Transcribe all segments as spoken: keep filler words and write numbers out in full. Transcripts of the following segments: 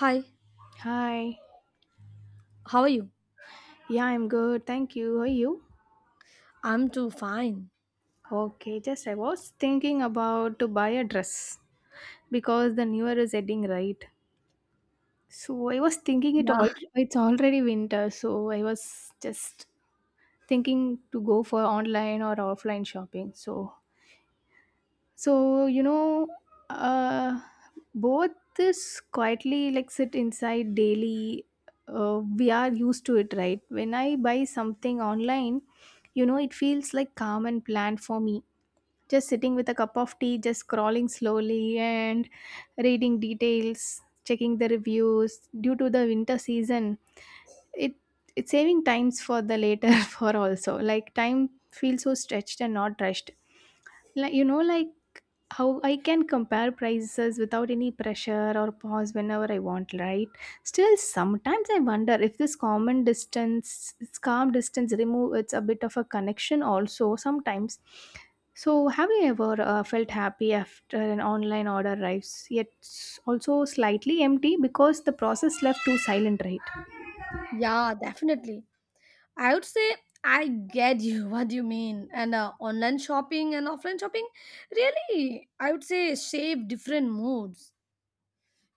Hi, Hi. how are you? Yeah, I'm good. Thank you. How are you? I'm too fine. Okay, just I was thinking about to buy a dress because the new year is ending, right? So I was thinking it Yeah, all it's already winter, so I was just thinking to go for online or offline shopping. So So, you know, uh, both this quietly like sit inside daily. Uh, we are used to it, right? When I buy something online, you know, it feels like calm and planned for me. Just sitting with a cup of tea, just scrolling slowly and reading details, checking the reviews due to the winter season. It it's saving times for the later for also. Like time feels so stretched and not rushed, like you know like how I can compare prices without any pressure or pause whenever I want, right? Still, sometimes I wonder if this common distance, this calm distance remove it's a bit of a connection also sometimes. So, have you ever uh, felt happy after an online order arrives, yet s- also slightly empty because the process left too silent, right? yeah, definitely. I would say I get you what you mean. And uh, Online shopping and offline shopping really, I would say, shape different moods.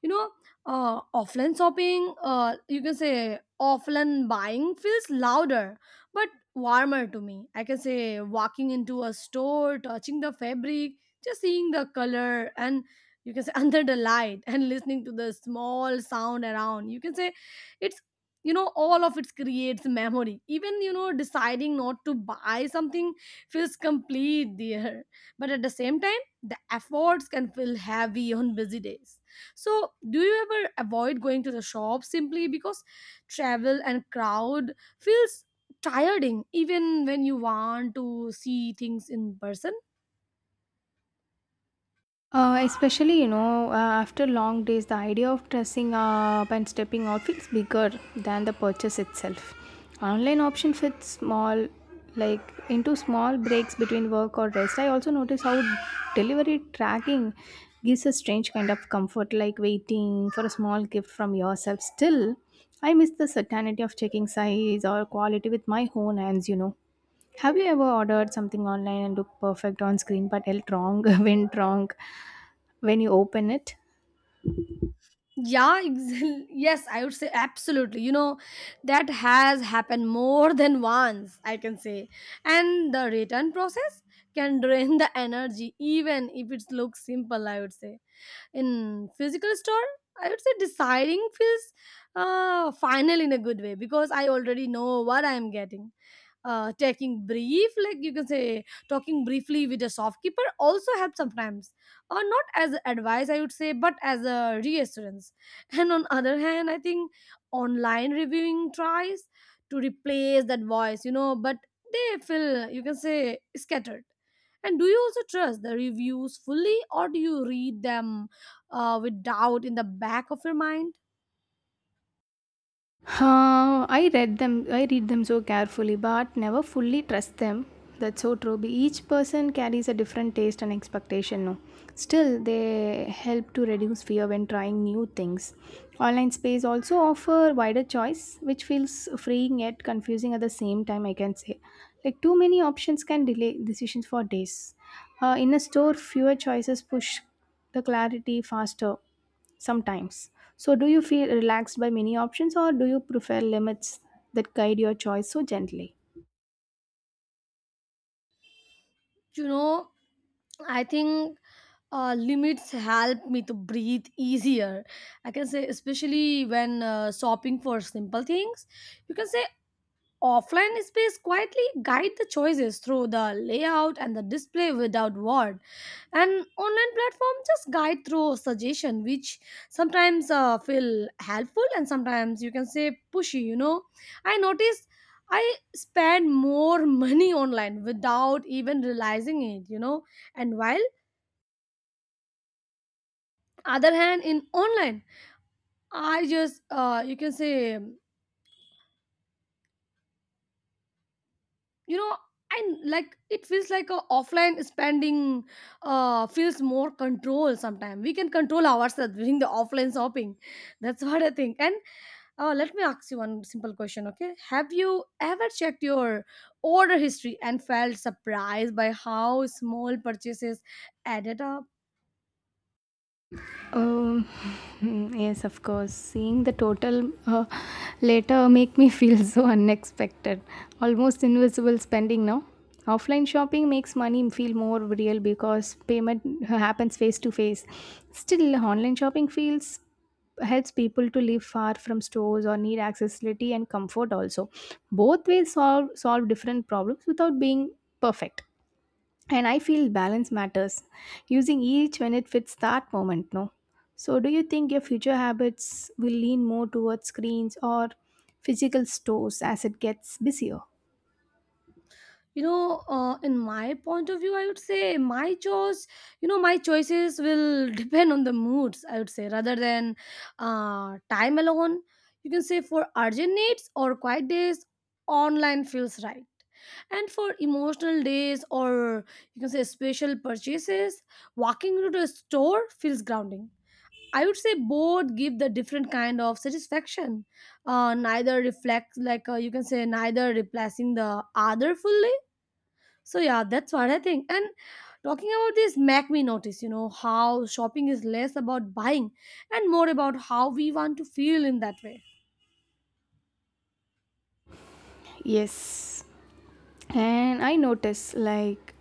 you know uh, Offline shopping, uh, you can say, offline buying feels louder but warmer to me, I can say. Walking into a store, touching the fabric, just seeing the color and, you can say, under the light, and listening to the small sound around, you can say, it's you know all of it creates memory. Even, you know, deciding not to buy something feels complete there. But at the same time, the efforts can feel heavy on busy days. So, do you ever avoid going to the shop simply because travel and crowd feels tiring even when you want to see things in person? Uh, especially, you know, uh, after long days, the idea of dressing up and stepping out feels bigger than the purchase itself. Online option fits small, like into small breaks between work or rest. I also notice how delivery tracking gives a strange kind of comfort, like waiting for a small gift from yourself. Still, I miss the certainty of checking size or quality with my own hands, you know. Have you ever ordered something online and looked perfect on screen but ate wrong went wrong when you open it? Yeah, exa- yes, I would say absolutely. You know, that has happened more than once, I can say. And the return process can drain the energy, even if it looks simple, I would say. In physical store, I would say deciding feels uh, final in a good way because I already know what I am getting. Uh, taking brief, like you can say, talking briefly with a shopkeeper also helps sometimes. Or not as advice, I would say, but as a reassurance. And on other hand, I think online reviewing tries to replace that voice, you know, but they feel, you can say, scattered. And do you also trust the reviews fully or do you read them uh, with doubt in the back of your mind? Uh, I read them. I read them so carefully, but never fully trust them. That's so true. Be- Each person carries a different taste and expectation. No, still they help to reduce fear when trying new things. Online space also offer wider choice, which feels freeing yet confusing at the same time. I can say, like too many options can delay decisions for days. Uh, in a store, fewer choices push the clarity faster. Sometimes. So, do you feel relaxed by many options or do you prefer limits that guide your choice so gently? You know, I think, uh, limits help me to breathe easier. I can say, especially when uh, shopping for simple things, you can say. Offline space quietly guide the choices through the layout and the display without word, and online platform just guide through suggestion, which sometimes uh, feel helpful and sometimes, you can say, pushy. You know, I notice I spend more money online without even realizing it. You know, and while other hand in online, I just, uh, you can say, you know, and like it feels like a offline spending uh feels more control. Sometimes we can control ourselves during the offline shopping, that's what I think. And uh, let me ask you one simple question, okay? Have you ever checked your order history and felt surprised by how small purchases added up? Um, yes, of course. Seeing the total uh, later make me feel so unexpected, almost invisible spending now. Offline shopping makes money feel more real because payment happens face to face. Still, online shopping feels helps people to live far from stores or need accessibility and comfort also. Both ways solve solve different problems without being perfect, and I feel balance matters, using each when it fits that moment, no? So, do you think your future habits will lean more towards screens or physical stores as it gets busier? You know, uh, in my point of view, I would say my choice, you know, my choices will depend on the moods, I would say, rather than uh, time alone. You can say, for urgent needs or quiet days, online feels right, and for emotional days or, you can say, special purchases, walking into a store feels grounding. I would say both give the different kind of satisfaction. Uh, neither reflects, like, uh, you can say, neither replacing the other fully. So yeah, that's what I think. And talking about this make me notice, you know, how shopping is less about buying and more about how we want to feel in that way. Yes, and I notice, like,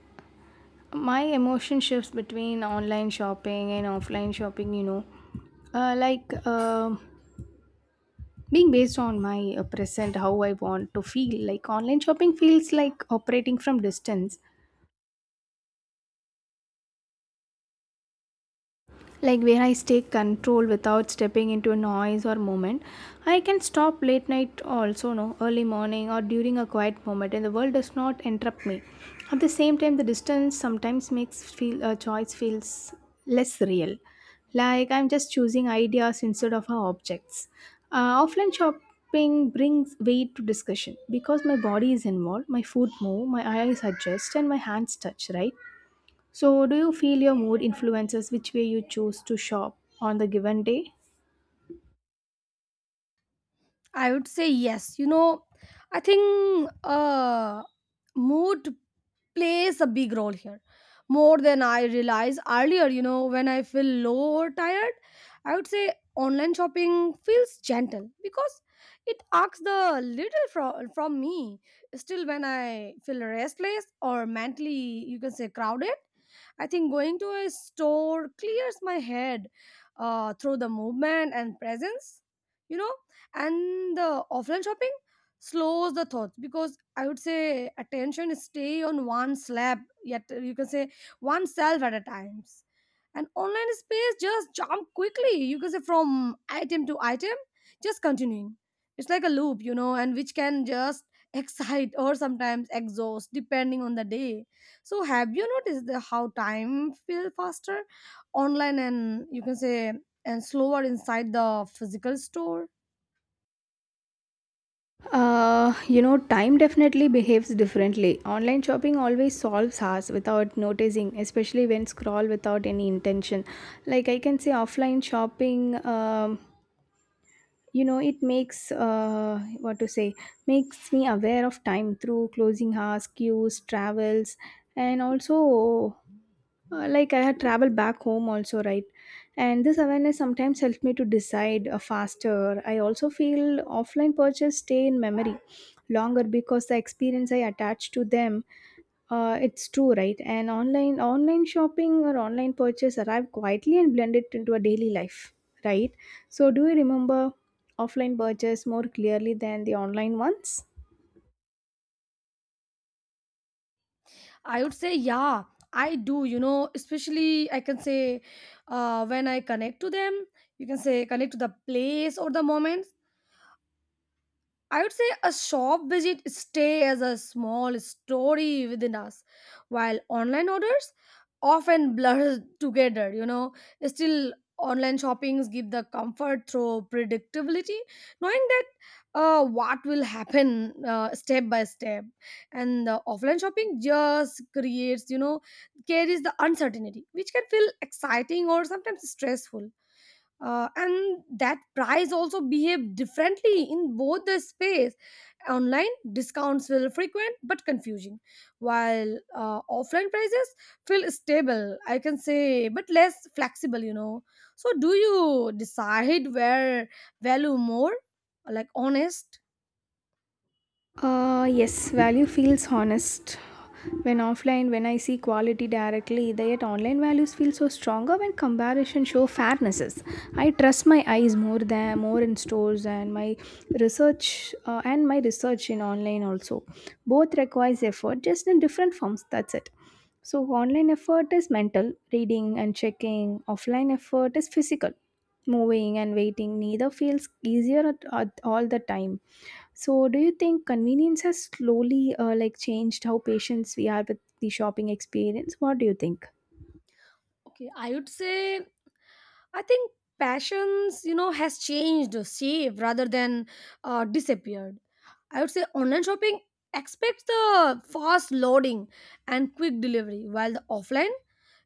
my emotion shifts between online shopping and offline shopping you know uh, Like, um being based on my uh, present, how I want to feel. Like online shopping feels like operating from distance, like where I stay control without stepping into a noise or moment. I can stop late night also, no, early morning or during a quiet moment, and the world does not interrupt me. At the same time, the distance sometimes makes feel a choice feels less real, like I'm just choosing ideas instead of our objects. Uh, offline shopping brings weight to discussion because my body is involved, my foot move, my eyes adjust, and my hands touch, right? So, do you feel your mood influences which way you choose to shop on the given day? I would say yes. You know, I think, uh, mood plays a big role here, more than I realized earlier. You know, when I feel low or tired, I would say online shopping feels gentle because it asks the little from from me. Still, when I feel restless or mentally, you can say, crowded, I think going to a store clears my head uh, through the movement and presence. You know, and the offline shopping slows the thoughts because, I would say, attention stay on one slab, yet, you can say, one self at a times. And online space just jump quickly, you can say, from item to item, just continuing. It's like a loop, you know, and which can just excite or sometimes exhaust depending on the day. So have you noticed the how time feel faster online and, you can say, and slower inside the physical store? Uh, you know, time definitely behaves differently. Online shopping always solves us without noticing, especially when scroll without any intention. Like I can say, offline shopping, um, you know, it makes uh, what to say, makes me aware of time through closing hours, queues, travels, and also uh, like I had traveled back home also, right? And this awareness sometimes helped me to decide uh, faster. I also feel offline purchase stay in memory longer because the experience I attach to them, uh, it's true, right? And online online shopping or online purchase arrive quietly and blend it into a daily life, right? So, do you remember offline purchase more clearly than the online ones? I would say, yeah, I do. You know, especially I can say uh, when I connect to them, you can say, connect to the place or the moment. I would say a shop visit stay as a small story within us, while online orders often blur together, you know. Still, online shoppings give the comfort through predictability, knowing that uh, what will happen uh, step by step. And the offline shopping just creates, you know, carries the uncertainty, which can feel exciting or sometimes stressful. Uh, and that price also behave differently in both the space. Online discounts feel frequent but confusing, while uh, offline prices feel stable, I can say, but less flexible, you know. So do you decide where value more, like honest? Uh, yes, value feels honest when offline, when I see quality directly, the yet online values feel so stronger when comparison show fairnesses. I trust my eyes more than more in stores, and my research uh, and my research in online also. Both requires effort, just in different forms. That's it. So online effort is mental, reading and checking. Offline effort is physical, moving and waiting. Neither feels easier at, at all the time. So, do you think convenience has slowly uh, like changed how patients we are with the shopping experience? What do you think? Okay, I would say, I think passions, you know, has changed, shaped rather than uh, disappeared. I would say online shopping expects the fast loading and quick delivery, while the offline,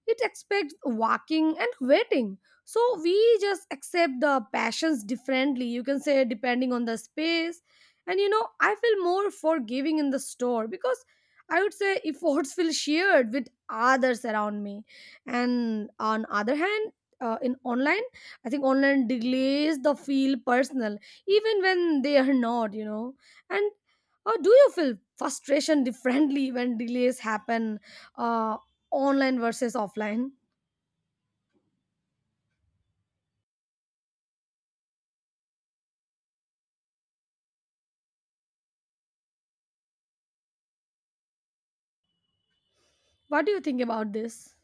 it expects walking and waiting. So we just accept the passions differently, you can say, depending on the space. And you know, I feel more forgiving in the store because, I would say, efforts feel shared with others around me. And on other hand, uh, in online, I think online delays the feel personal even when they are not, you know. And or do you feel frustration differently when delays happen, uh, online versus offline? What do you think about this?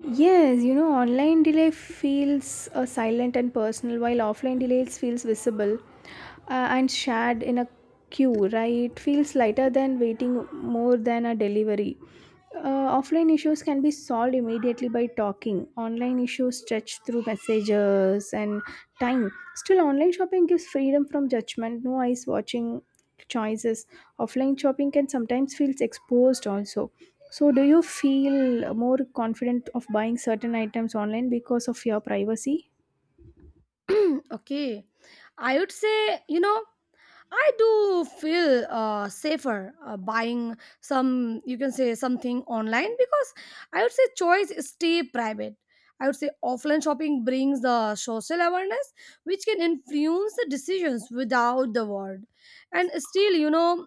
Yes, you know, online delay feels uh, silent and personal, while offline delays feels visible, uh, and shared in a queue, right? It feels lighter than waiting more than a delivery. Uh, offline issues can be solved immediately by talking. Online issues stretch through messages and time. Still, online shopping gives freedom from judgment, no eyes watching choices. Offline shopping can sometimes feels exposed also. So, do you feel more confident of buying certain items online because of your privacy? Okay, I would say, you know, I do feel uh, safer uh, buying some, you can say, something online because, I would say, choice stay private. I would say offline shopping brings the social awareness which can influence the decisions without the word. And still, you know,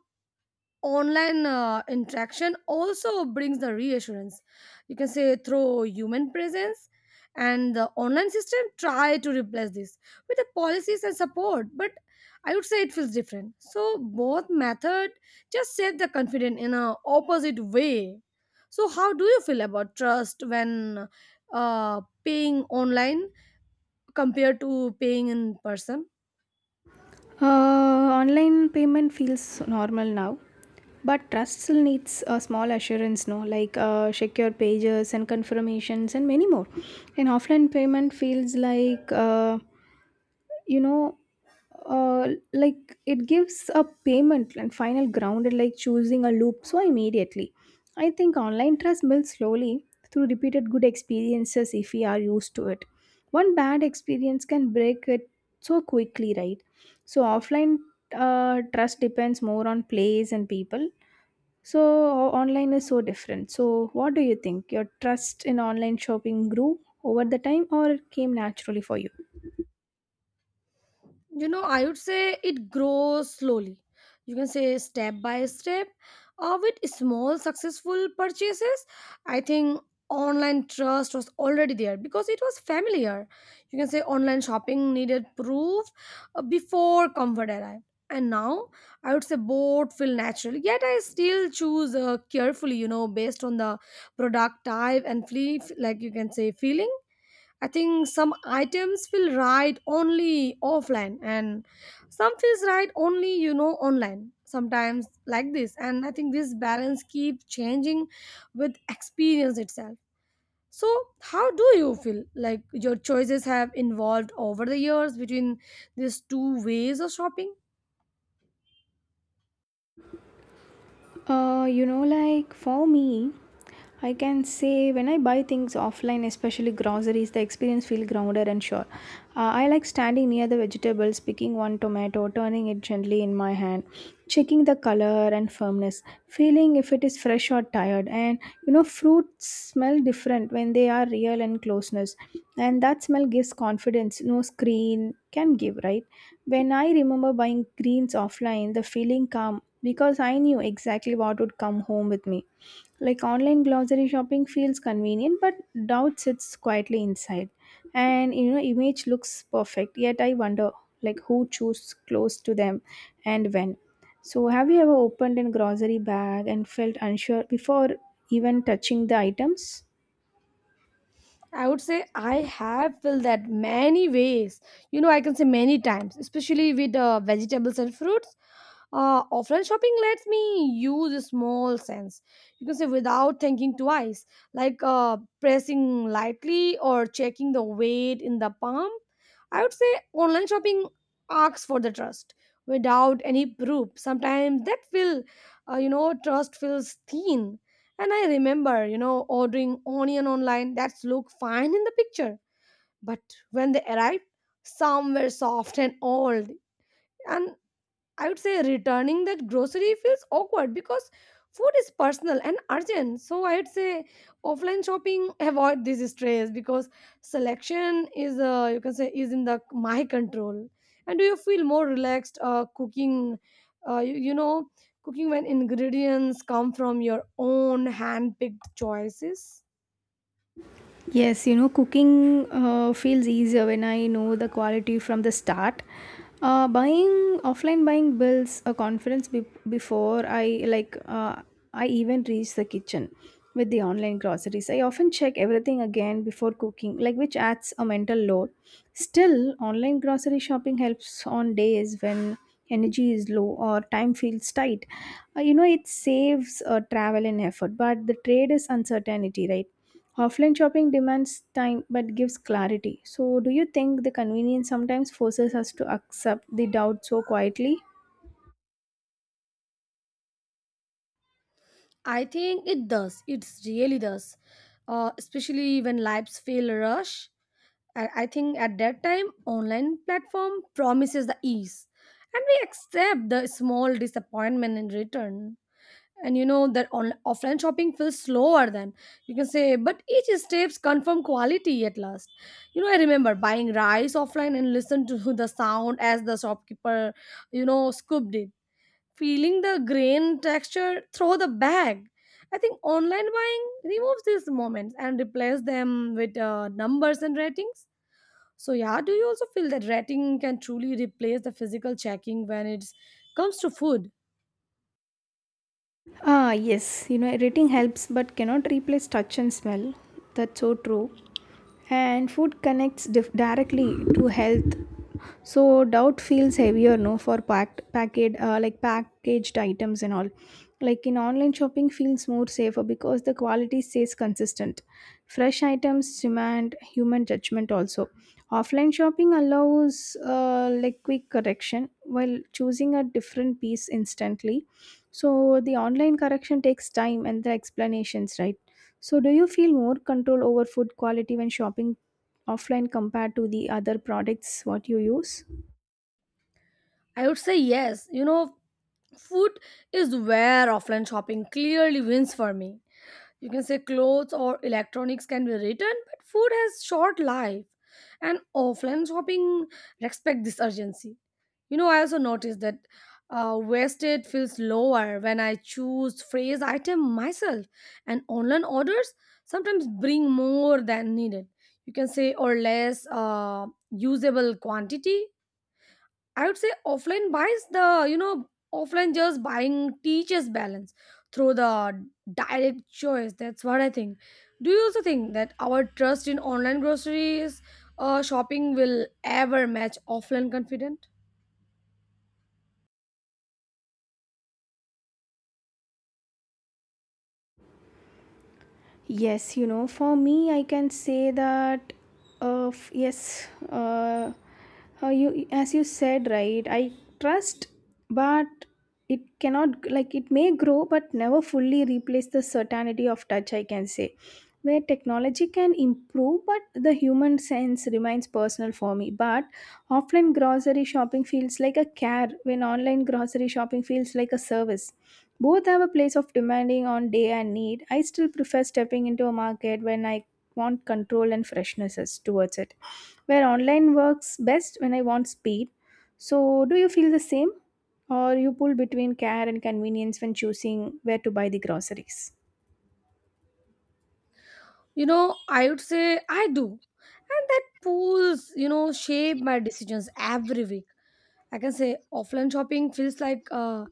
online uh, interaction also brings the reassurance, you can say, through human presence. And the online system try to replace this with the policies and support, but I would say it feels different. So both method just save the confidence in a opposite way. So how do you feel about trust when uh, paying online compared to paying in person? Uh, online payment feels normal now, but trust still needs a small assurance, no, like uh, secure pages and confirmations and many more. And offline payment feels like, uh, you know uh, like it gives a payment and final ground and like choosing a loop so immediately. I think online trust builds slowly through repeated good experiences. If we are used to it, one bad experience can break it so quickly, right? So offline uh, trust depends more on place and people. So o- online is so different. So, what do you think? Your trust in online shopping grew over the time, or it came naturally for you? You know, I would say it grows slowly, you can say, step by step, or with small successful purchases. I think online trust was already there because it was familiar. You can say online shopping needed proof uh, before comfort arrived. And now I would say both feel natural, yet I still choose uh, carefully, you know, based on the product type and flee, like, you can say, feeling. I think some items feel right only offline, and some feels right only, you know, online sometimes like this. And I think this balance keeps changing with experience itself. So how do you feel like your choices have evolved over the years between these two ways of shopping? Uh, you know, like for me, I can say when I buy things offline, especially groceries, the experience feels grounded and sure. Uh, I like standing near the vegetables, picking one tomato, turning it gently in my hand, checking the color and firmness, feeling if it is fresh or tired. And, you know, fruits smell different when they are real and closeness, and that smell gives confidence. No screen can give, right? When I remember buying greens offline, the feeling calm because I knew exactly what would come home with me. Like online glossary shopping feels convenient, but doubt sits quietly inside. And, you know, image looks perfect, yet I wonder like who chose close to them and when. So, have you ever opened a grocery bag and felt unsure before even touching the items? I would say I have felt that many ways. You know, I can say many times, especially with uh, vegetables and fruits. Uh, offline shopping lets me use a small sense, you can say, without thinking twice, like uh, pressing lightly or checking the weight in the palm. I would say online shopping asks for the trust without any proof. Sometimes that feel, uh, you know, trust feels thin. And I remember, you know, ordering onion online that's look fine in the picture, but when they arrived, some were soft and old. And I would say returning the grocery feels awkward because food is personal and urgent. So I would say offline shopping avoid this stress because selection is, uh, you can say, is in the my control. And do you feel more relaxed uh, cooking? Uh, you, you know, cooking when ingredients come from your own hand picked choices. Yes, you know, cooking uh, feels easier when I know the quality from the start. Uh, buying offline buying builds a confidence, be- before I, like, uh, I even reach the kitchen. With the online groceries, I often check everything again before cooking, like, which adds a mental load. Still, online grocery shopping helps on days when energy is low or time feels tight. Uh, you know, it saves uh, travel and effort, but the trade is uncertainty, right? Offline shopping demands time but gives clarity. So, do you think the convenience sometimes forces us to accept the doubt so quietly? I think it does. It really does. Uh, especially when lives feel rush. I, I think at that time, online platform promises the ease, and we accept the small disappointment in return. And you know that on, offline shopping feels slower than, you can say, but each steps confirm quality at last. You know, I remember buying rice offline and listen to the sound as the shopkeeper, you know, scooped it, feeling the grain texture through the bag. I think online buying removes these moments and replaces them with uh, numbers and ratings. So yeah, do you also feel that rating can truly replace the physical checking when it comes to food? Ah, yes, you know, rating helps but cannot replace touch and smell. That's so true. And food connects dif- directly to health. So doubt feels heavier, no, for packed, packaged, uh, like packaged items and all. Like in online shopping, feels more safer because the quality stays consistent. Fresh items demand human judgment also. Offline shopping allows uh, like quick correction while choosing a different piece instantly, so the online correction takes time and the explanations, right? So, do you feel more control over food quality when shopping offline compared to the other products what you use? I would say yes. You know, food is where offline shopping clearly wins for me. You can say clothes or electronics can be returned, but food has short life. And offline shopping respect this urgency. You know, I also noticed that uh, wasted feels lower when I choose phrase item myself, and online orders sometimes bring more than needed. You can say, or less uh, usable quantity. I would say offline buys the you know offline just buying teaches balance through the direct choice. That's what I think. Do you also think that our trust in online groceries uh, shopping will ever match offline confident? Yes, you know, for me, I can say that, uh, f- yes, uh, how you, as you said, right? I trust, but it cannot, like it may grow, but never fully replace the certainty of touch. I can say, where technology can improve, but the human sense remains personal for me. But offline grocery shopping feels like a care, when online grocery shopping feels like a service. Both have a place of demanding on day and need. I still prefer stepping into a market when I want control and freshnesses towards it, where online works best when I want speed. So, do you feel the same, or you pull between care and convenience when choosing where to buy the groceries? You know, I would say I do. And that pulls, you know, shape my decisions every week. I can say offline shopping feels like uh,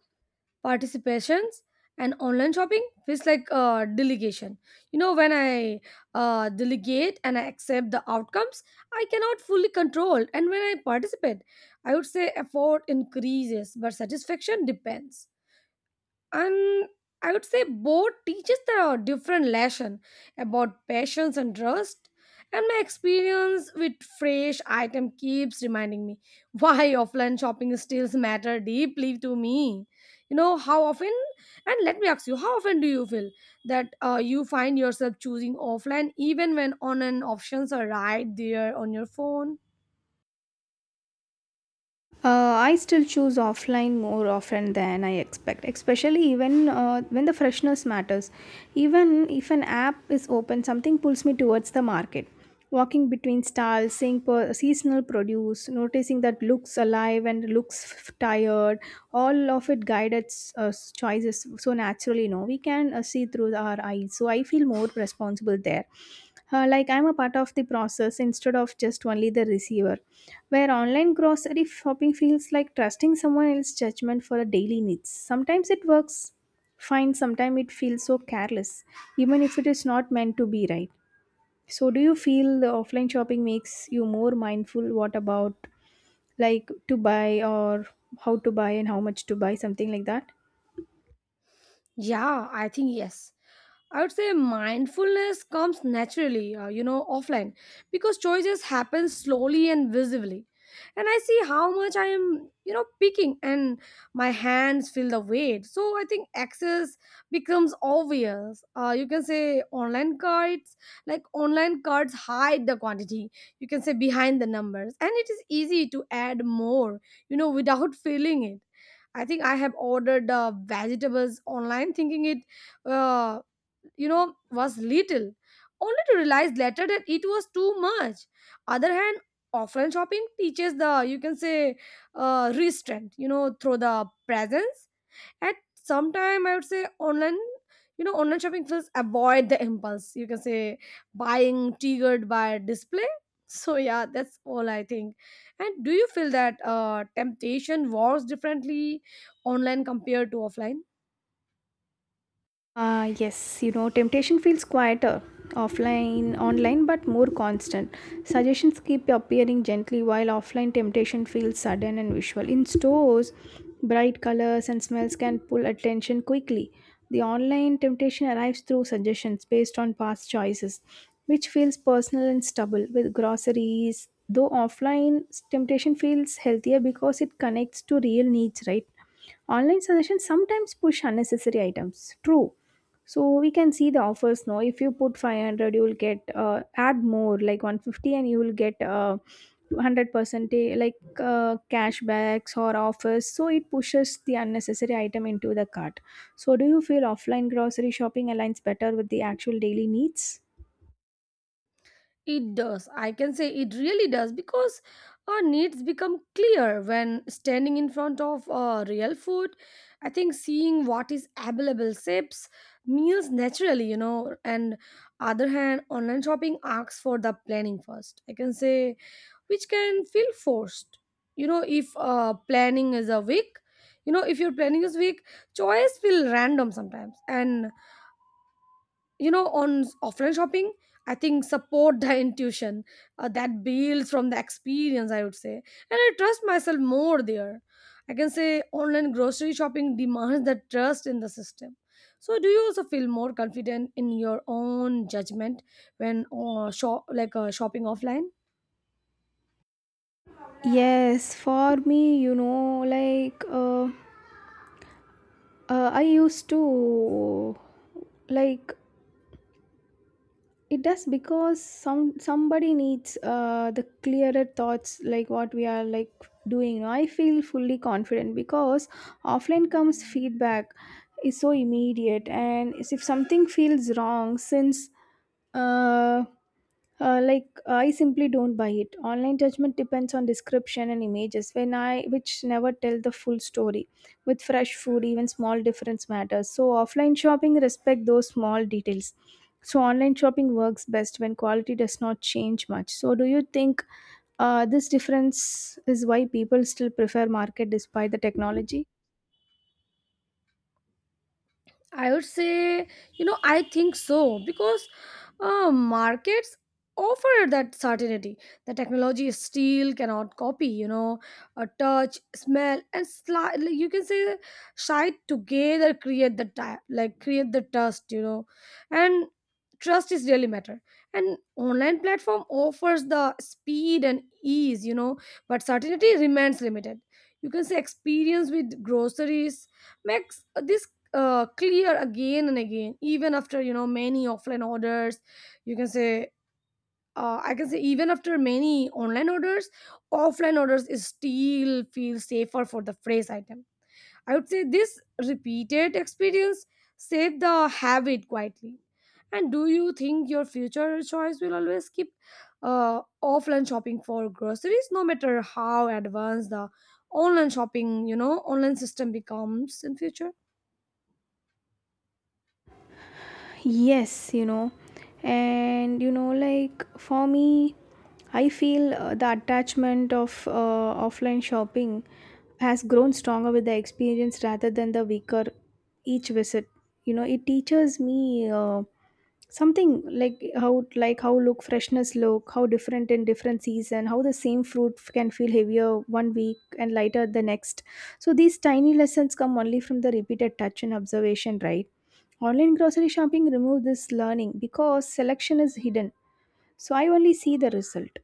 participations, and online shopping feels like uh, delegation. You know, when I uh, delegate and I accept the outcomes, I cannot fully control. And when I participate, I would say effort increases, but satisfaction depends. And I would say both teaches the different lesson about patience and trust, and my experience with fresh item keeps reminding me why offline shopping still matter deeply to me. You know how often, and let me ask you, how often do you feel that uh, you find yourself choosing offline even when online options are right there on your phone? Uh, I still choose offline more often than I expect, especially even uh, when the freshness matters. Even if an app is open, something pulls me towards the market. Walking between stalls, seeing per- seasonal produce, noticing that looks alive and looks f- tired, all of it guided uh, choices so naturally. No, we can uh, see through our eyes. So I feel more responsible there, uh, like I'm a part of the process instead of just only the receiver, where online grocery shopping feels like trusting someone else's judgment for a daily needs. Sometimes it works fine, sometimes it feels so careless, even if it is not meant to be, right? So do you feel the offline shopping makes you more mindful? What about like to buy, or how to buy, and how much to buy, something like that? Yeah, I think yes. I would say mindfulness comes naturally, uh, you know, offline, because choices happen slowly and visibly. And I see how much I am, you know, picking, and my hands feel the weight. So I think access becomes obvious. Uh, you can say online cards, like online cards hide the quantity, you can say behind the numbers. And it is easy to add more, you know, without feeling it. I think I have ordered uh, vegetables online thinking it, uh, you know, was little, only to realize later that it was too much. Other hand, offline shopping teaches the, you can say, uh, restraint, you know, through the presence. At some time I would say online, you know, online shopping feels avoid the impulse, you can say, buying triggered by display. So yeah, that's all I think. And do you feel that uh, temptation works differently online compared to offline? Uh, yes, you know, temptation feels quieter offline, online, but more constant. Suggestions keep appearing gently, while offline temptation feels sudden and visual. In stores, bright colors and smells can pull attention quickly. The online temptation arrives through suggestions based on past choices, which feels personal and stubble with groceries. Though offline temptation feels healthier because it connects to real needs, right? Online suggestions sometimes push unnecessary items. True, so we can see the offers now. If you put five hundred, you will get uh, add more like one hundred fifty and you will get uh, one hundred percent, eh, like uh, cashbacks or offers. So it pushes the unnecessary item into the cart. So do you feel offline grocery shopping aligns better with the actual daily needs? It does. I can say it really does, because our needs become clear when standing in front of uh, real food. I think seeing what is available shapes meals naturally, you know. And other hand, online shopping asks for the planning first. I can say which can feel forced. You know, if uh, planning is a weak, you know, if your planning is weak, choice feel random sometimes. And you know, on s- offline shopping I think support the intuition, uh, that builds from the experience, I would say. And I trust myself more there. I can say online grocery shopping demands that trust in the system. So do you also feel more confident in your own judgment when uh, shop like uh, shopping offline? Yes, for me, you know, like uh, uh, I used to, like, it does because some somebody needs uh, the clearer thoughts like what we are like doing. I feel fully confident because offline comes feedback is so immediate, and if something feels wrong since uh, uh, like I simply don't buy it. Online judgment depends on description and images, when I which never tell the full story. With fresh food, even small difference matters. So offline shopping respect those small details. So online shopping works best when quality does not change much. So do you think uh, this difference is why people still prefer market despite the technology? I would say, you know, I think so, because uh, markets offer that certainty. The technology still cannot copy, you know, a touch, smell, and sli- like, you can say, side together create the ti- like create the trust, you know. And trust is really matter. And online platform offers the speed and ease, you know, but certainty remains limited. You can say experience with groceries makes uh, this uh, clear again and again, even after, you know, many offline orders. You can say, uh, I can say, even after many online orders, offline orders is still feel safer for the fresh item. I would say this repeated experience saved the habit quietly. And do you think your future choice will always keep uh, offline shopping for groceries, no matter how advanced the online shopping, you know, online system becomes in future? Yes, you know, and you know, like for me, I feel uh, the attachment of uh, offline shopping has grown stronger with the experience rather than the weaker each visit. You know, it teaches me uh, something like how like how look freshness look, how different in different season, how the same fruit f- can feel heavier one week and lighter the next. So these tiny lessons come only from the repeated touch and observation, right? Online grocery shopping removes this learning because selection is hidden. So I only see the result,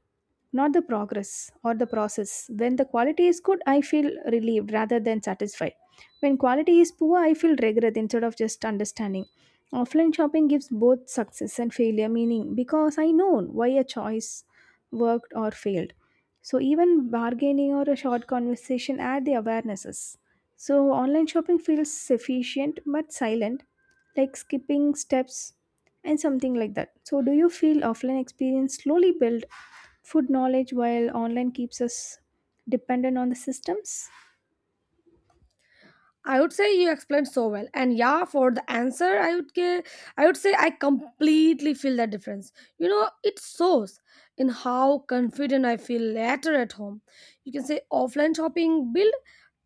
not the progress or the process. When the quality is good, I feel relieved rather than satisfied. When quality is poor, I feel regret instead of just understanding. Offline shopping gives both success and failure meaning because I know why a choice worked or failed. So even bargaining or a short conversation add the awarenesses. So online shopping feels efficient but silent, like skipping steps and something like that. So do you feel offline experience slowly build food knowledge while online keeps us dependent on the systems? I would say you explained so well. And yeah, for the answer, I would ge- I would say I completely feel that difference. You know, it shows in how confident I feel later at home. You can say offline shopping build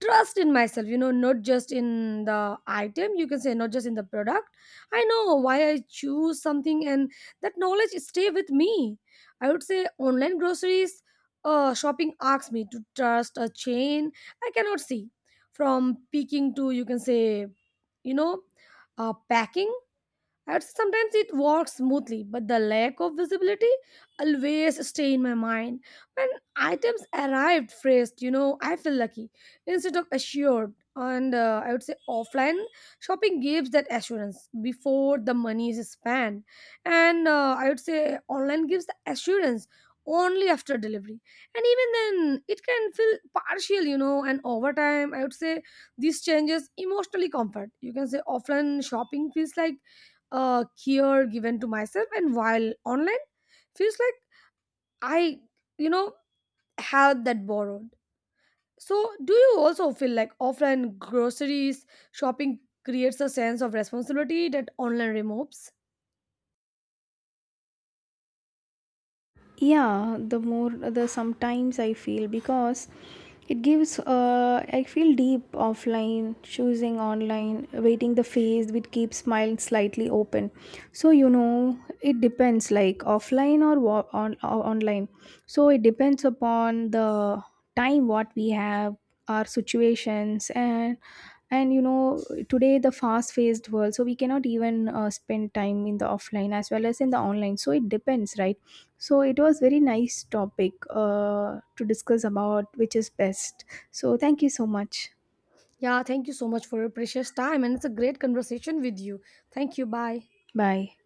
trust in myself, you know, not just in the item, you can say not just in the product. I know why I choose something, and that knowledge stay with me. I would say online groceries uh, shopping asks me to trust a chain I cannot see, from picking to, you can say, you know, uh, packing. I'd say sometimes it works smoothly, but the lack of visibility always stay in my mind. When items arrived phrased, you know, I feel lucky instead of assured. And uh, I would say offline shopping gives that assurance before the money is spent. And uh, I would say online gives the assurance only after delivery. And even then, it can feel partial, you know. And over time, I would say this changes emotionally comfort. You can say offline shopping feels like uh, care given to myself, and while online feels like i, you know, have that borrowed. So do you also feel like offline groceries shopping creates a sense of responsibility that online removes? Yeah, the more the sometimes I feel because it gives uh, I feel deep offline choosing, online waiting the face with keep smile slightly open. So you know, it depends, like offline or, wa- on, or online. So it depends upon the time what we have, our situations, and and you know, today the fast paced world, so we cannot even uh, spend time in the offline as well as in the online, so it depends, right? So it was very nice topic uh, to discuss about which is best. So thank you so much. Yeah, thank you so much for your precious time, and it's a great conversation with you. Thank you, bye. Bye.